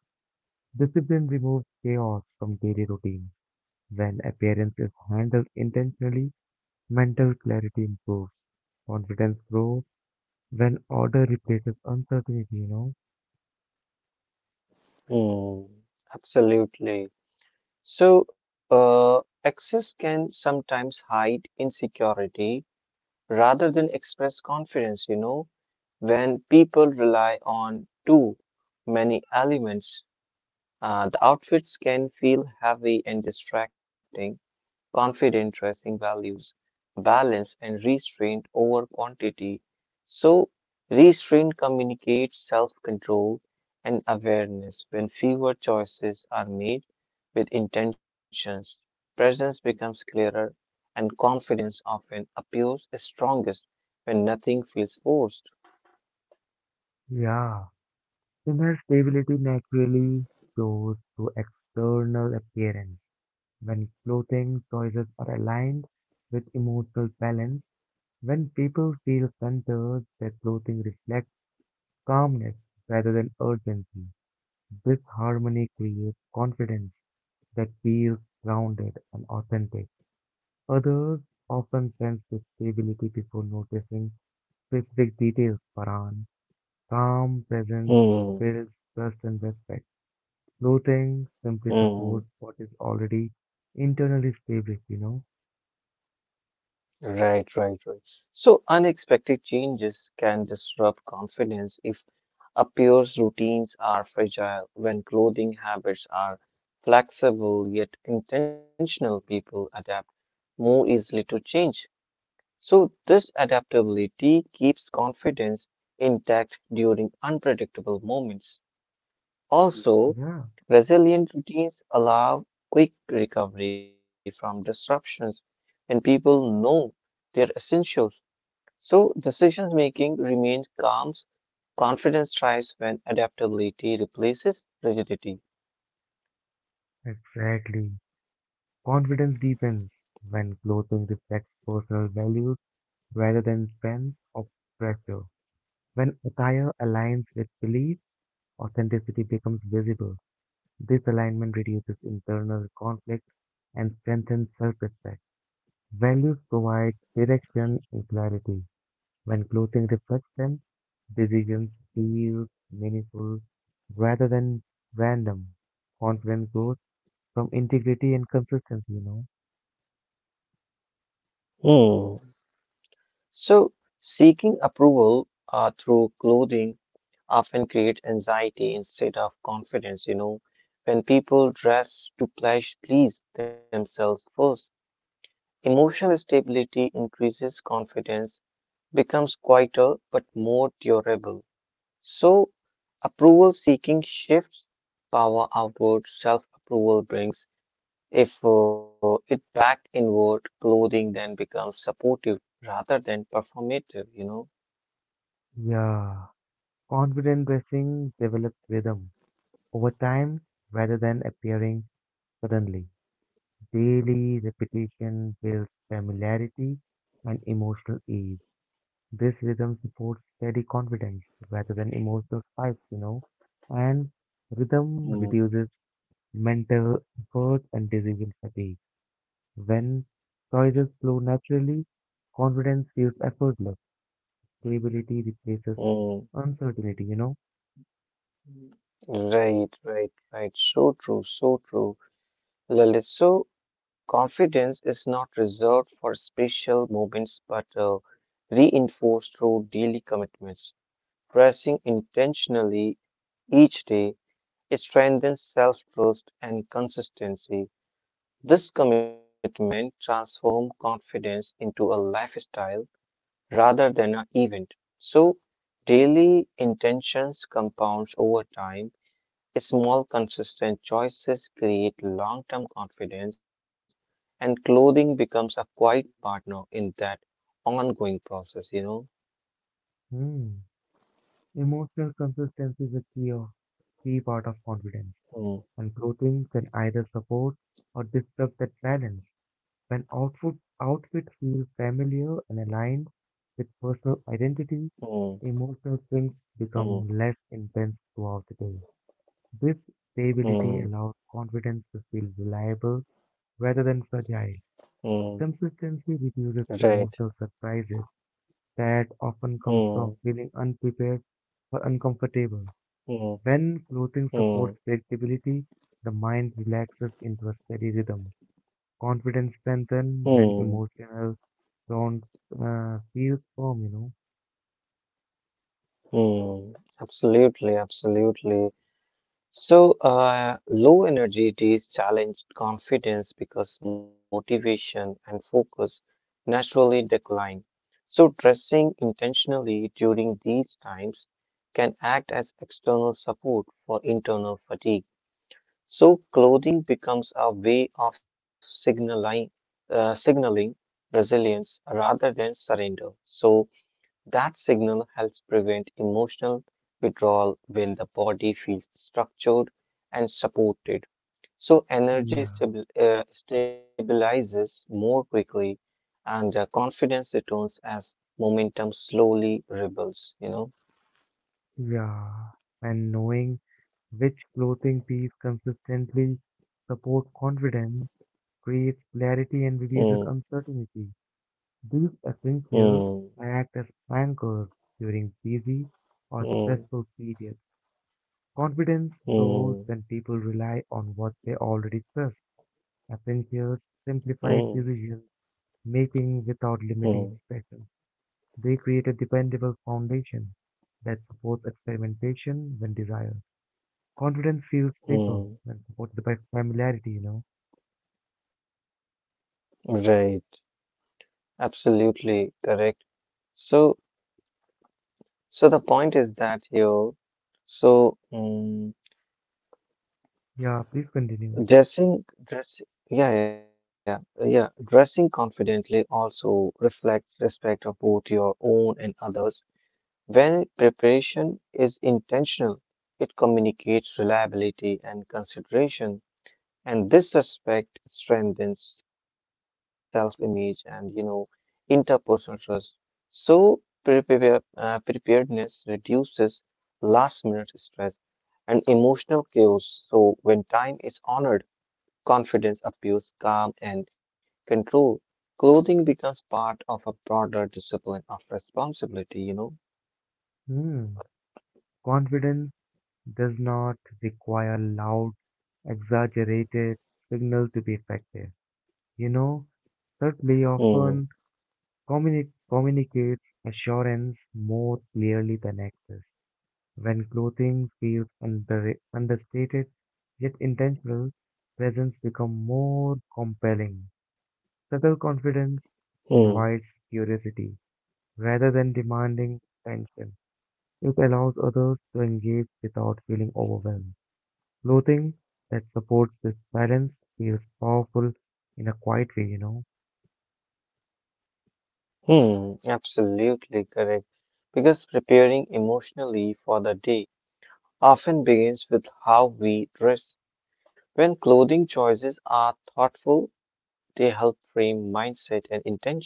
Speaker 1: Discipline removes chaos from daily routines. When appearance is handled intentionally, mental clarity improves, confidence grows when order replaces uncertainty, you know?
Speaker 2: Hmm, absolutely. So, excess can sometimes hide insecurity rather than express confidence, you know? When people rely on too many elements, the outfits can feel heavy and distracting confident dressing values balance and restraint over quantity. So, restraint communicates self control and awareness. When fewer choices are made with intentions, presence becomes clearer and confidence often appears strongest when nothing feels forced.
Speaker 1: Yeah. Inner stability naturally shows through external appearance. When clothing choices are aligned with emotional balance, when people feel centered, their clothing reflects calmness rather than urgency. This harmony creates confidence that feels grounded and authentic. Others often sense the stability before noticing specific details. Paran, calm presence
Speaker 2: Hmm.
Speaker 1: builds trust and respect. Floating simply supports
Speaker 2: Hmm.
Speaker 1: what is already internally stable, you know?
Speaker 2: Right, right, right. So unexpected changes can disrupt confidence if appears routines are fragile when clothing habits are flexible yet intentional people adapt more easily to change. So this adaptability keeps confidence intact during unpredictable moments. Also,
Speaker 1: Yeah,
Speaker 2: resilient routines allow quick recovery from disruptions and people know their essentials. So decision making remains calm confidence thrives when adaptability replaces rigidity.
Speaker 1: exactly. Confidence deepens when clothing reflects personal values rather than trends or pressure. When attire aligns with belief, authenticity becomes visible. This alignment reduces internal conflict and strengthens self-respect. Values provide direction and clarity. When clothing reflects them, decisions feel meaningful rather than random. Confidence grows from integrity and consistency, you know.
Speaker 2: Hmm. So, seeking approval through clothing often creates anxiety instead of confidence. You know, when people dress to please themselves first, emotional stability increases confidence, becomes quieter but more durable. So, approval seeking shifts power outward, self approval brings If it backed inward, clothing then becomes supportive rather than performative, you know?
Speaker 1: Yeah. Confident dressing develops rhythm over time rather than appearing suddenly. Daily repetition builds familiarity and emotional ease. This rhythm supports steady confidence rather than emotional spikes, and rhythm
Speaker 2: Mm,
Speaker 1: reduces mental effort and decision fatigue. When choices flow naturally, confidence feels effortless. Stability replaces
Speaker 2: mm,
Speaker 1: uncertainty, you know.
Speaker 2: right, right, right. So true, so true. Lalit, so confidence is not reserved for special moments but reinforced through daily commitments. Pressing intentionally each day, it strengthens self trust and consistency. This commitment transforms confidence into a lifestyle rather than an event. So, daily intentions compounds over time. Small, consistent choices create long term confidence, and clothing becomes a quiet partner in that ongoing process, you know.
Speaker 1: Hmm. Emotional consistency is a key part of confidence,
Speaker 2: Mm,
Speaker 1: and clothing can either support or disrupt that balance. When outfit feel familiar and aligned with personal identity,
Speaker 2: mm,
Speaker 1: emotional swings
Speaker 2: mm,
Speaker 1: become less intense throughout the day. This
Speaker 2: mm,
Speaker 1: stability allows confidence to feel reliable rather than fragile.
Speaker 2: mm,
Speaker 1: Consistency reduces
Speaker 2: right.
Speaker 1: emotional surprises that often comes
Speaker 2: Mm,
Speaker 1: from feeling unprepared or uncomfortable.
Speaker 2: mm,
Speaker 1: When clothing
Speaker 2: mm,
Speaker 1: supports predictability, the mind relaxes into a steady rhythm. Confidence strengthens
Speaker 2: mm,
Speaker 1: when emotional don't feel firm, you know.
Speaker 2: mm. Absolutely, absolutely. So, low energy days challenge confidence because motivation and focus naturally decline. So, dressing intentionally during these times can act as external support for internal fatigue. So, clothing becomes a way of signaling resilience rather than surrender. So, that signal helps prevent emotional withdrawal when the body feels structured and supported. So,
Speaker 1: Yeah,
Speaker 2: energy stabilizes more quickly and confidence returns as momentum slowly rebuilds, you know.
Speaker 1: yeah. And knowing which clothing piece consistently supports confidence creates clarity and reduces
Speaker 2: Mm,
Speaker 1: uncertainty. These essentials
Speaker 2: mm,
Speaker 1: act as anchors during busy or stressful
Speaker 2: mm,
Speaker 1: periods. Confidence grows when people
Speaker 2: mm,
Speaker 1: rely on what they already trust. Essentials simplify
Speaker 2: mm,
Speaker 1: decision making without limiting
Speaker 2: mm,
Speaker 1: expectations. They create a dependable foundation that supports experimentation when desired. Confidence feels safer when supported
Speaker 2: mm.
Speaker 1: by familiarity, you know.
Speaker 2: Right. Absolutely correct. So, so the point is that here, so, mm,
Speaker 1: Yeah, please continue.
Speaker 2: Dressing, dress, yeah, yeah, yeah. Dressing confidently also reflects respect of both your own and others. When preparation is intentional, it communicates reliability and consideration, and this respect strengthens self-image and interpersonal trust. So preparedness reduces last-minute stress and emotional chaos. So when time is honored confidence appears calm and control. Clothing becomes part of a broader discipline of responsibility, you
Speaker 1: Hmm. Confidence does not require loud, exaggerated signal to be effective. You know, certainly
Speaker 2: know?
Speaker 1: often communicates assurance more clearly than access. When clothing feels understated yet intentional, presence becomes more compelling. Subtle confidence
Speaker 2: Hmm, hmm,
Speaker 1: invites curiosity rather than demanding attention. It allows others to engage without feeling overwhelmed. Clothing that supports this balance feels powerful in a quiet way, you know.
Speaker 2: absolutely correct. Because preparing emotionally for the day often begins with how we dress. When clothing choices are thoughtful, they help frame mindset and intentions,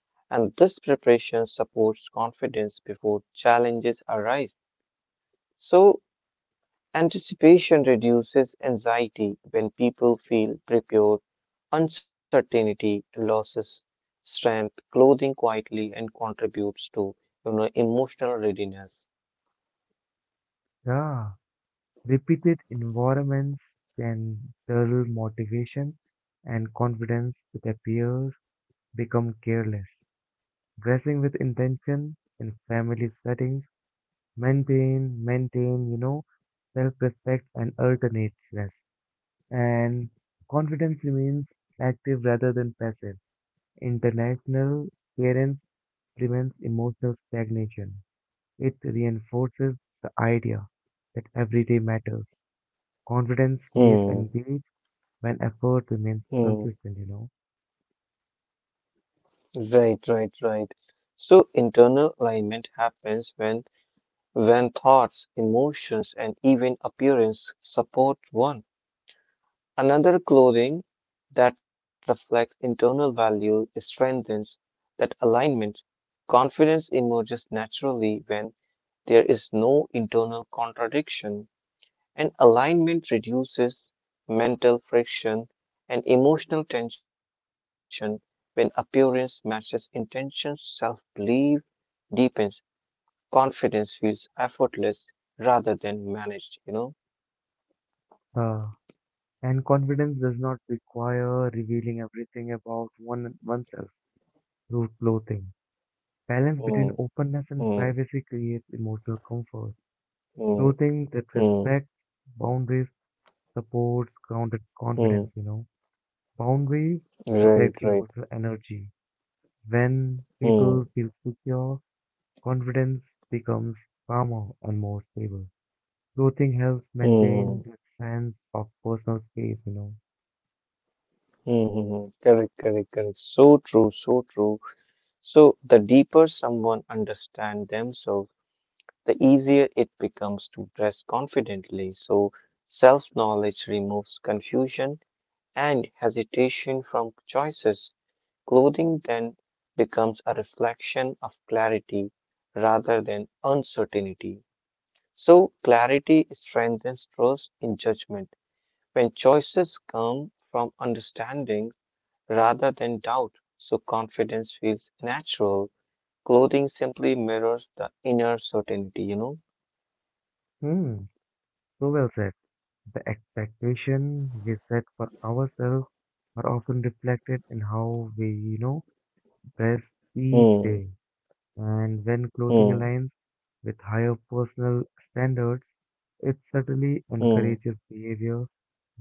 Speaker 2: and this preparation supports confidence before challenges arise. So, anticipation reduces anxiety when people feel prepared. Uncertainty loses strength. Clothing quietly and contributes to emotional readiness.
Speaker 1: Yeah, repeated environments can dull motivation and confidence that appears become careless. Dressing with intention in family settings, maintain self-respect and alternateness. And confidence remains active rather than passive. International parents prevents emotional stagnation. It reinforces the idea that everyday matters. Confidence stays
Speaker 2: Hmm.
Speaker 1: engaged when effort remains
Speaker 2: Hmm.
Speaker 1: consistent, you know.
Speaker 2: Right. Right. Right. So internal alignment happens when thoughts, emotions, and even appearance support one. Another clothing that reflects internal values strengthens that alignment. Confidence emerges naturally when there is no internal contradiction, and alignment reduces mental friction and emotional tension when appearance matches intention. Self belief deepens, confidence feels effortless rather than managed, you know?
Speaker 1: Uh, and confidence does not require revealing everything about one oneself through clothing.
Speaker 2: Mm,
Speaker 1: Balance between openness
Speaker 2: mm,
Speaker 1: and privacy creates emotional comfort.
Speaker 2: mm,
Speaker 1: Clothing that
Speaker 2: mm,
Speaker 1: respects boundaries supports grounded
Speaker 2: mm.
Speaker 1: confidence, you know. Boundaries
Speaker 2: Right,
Speaker 1: protect
Speaker 2: right.
Speaker 1: emotional energy. When
Speaker 2: Mm,
Speaker 1: people feel secure, confidence becomes calmer and more stable. Clothing helps
Speaker 2: mm,
Speaker 1: maintain
Speaker 2: mm,
Speaker 1: that sense of personal space, you know.
Speaker 2: mm. mm. Correct, correct, correct. So true, so true. So the deeper someone understands themselves, the easier it becomes to dress confidently. So self-knowledge removes confusion and hesitation from choices. Clothing then becomes a reflection of clarity rather than uncertainty. So clarity strengthens trust in judgment. When choices come from understanding, rather than doubt. So confidence feels natural. Clothing simply mirrors the inner certainty, you know?
Speaker 1: Hmm, so well said. The expectation we set for ourselves are often reflected in how we, best each
Speaker 2: Hmm,
Speaker 1: day. And when clothing
Speaker 2: hmm,
Speaker 1: aligns with higher personal standards, it certainly
Speaker 2: hmm,
Speaker 1: encourages behavior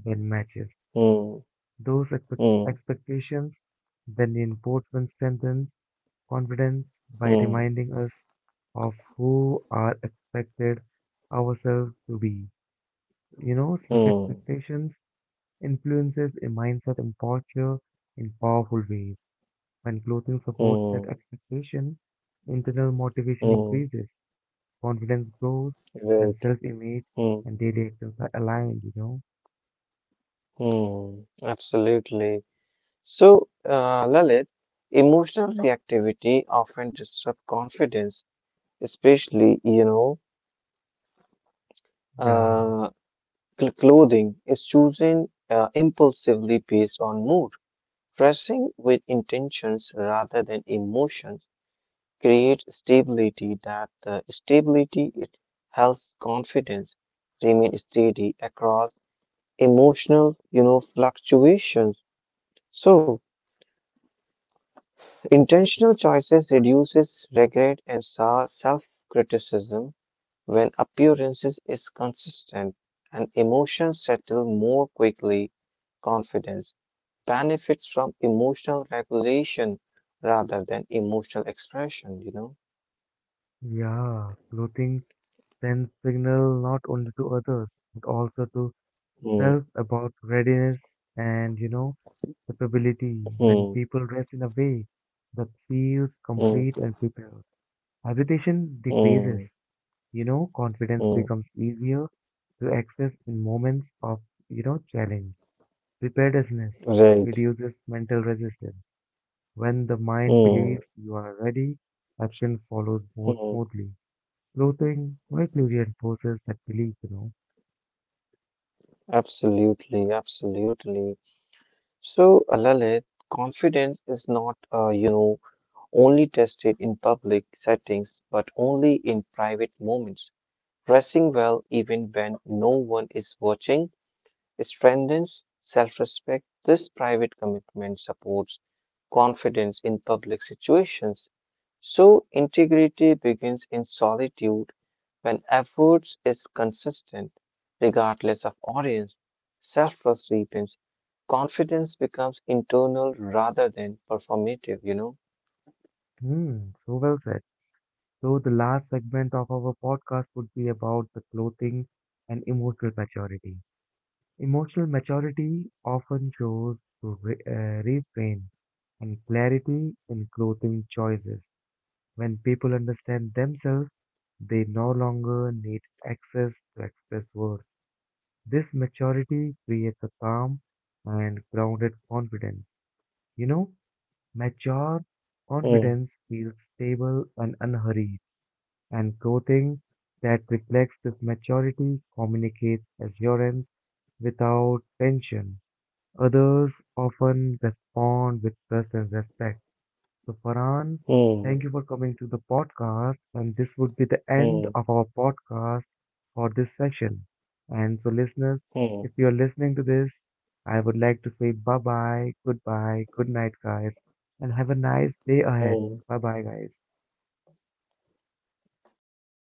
Speaker 1: that matches
Speaker 2: hmm,
Speaker 1: those
Speaker 2: hmm,
Speaker 1: expectations. Then the enforcement strengthens confidence by
Speaker 2: hmm,
Speaker 1: reminding us of who are expected ourselves to be. You know, self
Speaker 2: hmm,
Speaker 1: expectations influences a mindset and posture in powerful ways. When clothing supports that
Speaker 2: hmm,
Speaker 1: expectation, internal motivation
Speaker 2: hmm.
Speaker 1: increases, confidence grows, when
Speaker 2: Right.
Speaker 1: self image
Speaker 2: Hmm,
Speaker 1: and daily actions are aligned, you know.
Speaker 2: hmm. Absolutely. So, Lalit, emotional reactivity often disrupts confidence, especially,
Speaker 1: Yeah,
Speaker 2: uh, clothing is chosen impulsively based on mood. Pressing with intentions rather than emotions creates stability that the stability it helps confidence remain steady across emotional fluctuations so intentional choices reduces regret and self criticism when appearances is consistent and emotions settle more quickly confidence benefits from emotional regulation rather than emotional expression, you know?
Speaker 1: yeah. Clothing sends signal not only to others, but also to
Speaker 2: Mm,
Speaker 1: self about readiness and, capability. When
Speaker 2: mm,
Speaker 1: people dress in a way that feels
Speaker 2: mm,
Speaker 1: complete and prepared. Hesitation decreases.
Speaker 2: mm,
Speaker 1: You know, confidence
Speaker 2: mm.
Speaker 1: becomes easier to access in moments of, challenge. Preparedness
Speaker 2: Right.
Speaker 1: reduces mental resistance. When the mind
Speaker 2: Mm,
Speaker 1: believes you are ready, action follows more
Speaker 2: mm.
Speaker 1: smoothly. Clothing quietly reinforces that belief, you know.
Speaker 2: Absolutely, absolutely. So, Lalit, confidence is not, only tested in public settings, but only in private moments. Dressing well even when no one is watching strengthens self respect. This private commitment supports confidence in public situations. So, integrity begins in solitude when efforts is consistent, regardless of audience. Self trust deepens. Confidence becomes internal rather than performative, you know.
Speaker 1: Hmm, so well said. So the last segment of our podcast would be about the clothing and emotional maturity. Emotional maturity often shows through restraint and clarity in clothing choices. When people understand themselves, they no longer need access to express words. This maturity creates a calm and grounded confidence. You know, mature
Speaker 2: Hmm,
Speaker 1: confidence feels stable and unhurried, and clothing that reflects this maturity communicates assurance without tension. Others often respond with trust and respect. So, Farhan,
Speaker 2: hmm,
Speaker 1: thank you for coming to the podcast. And this would be the end
Speaker 2: hmm,
Speaker 1: of our podcast for this session. And so, listeners,
Speaker 2: hmm,
Speaker 1: if you're listening to this, I would like to say bye bye, goodbye, good night, guys, and have a nice day ahead.
Speaker 2: hmm.
Speaker 1: Bye bye, guys.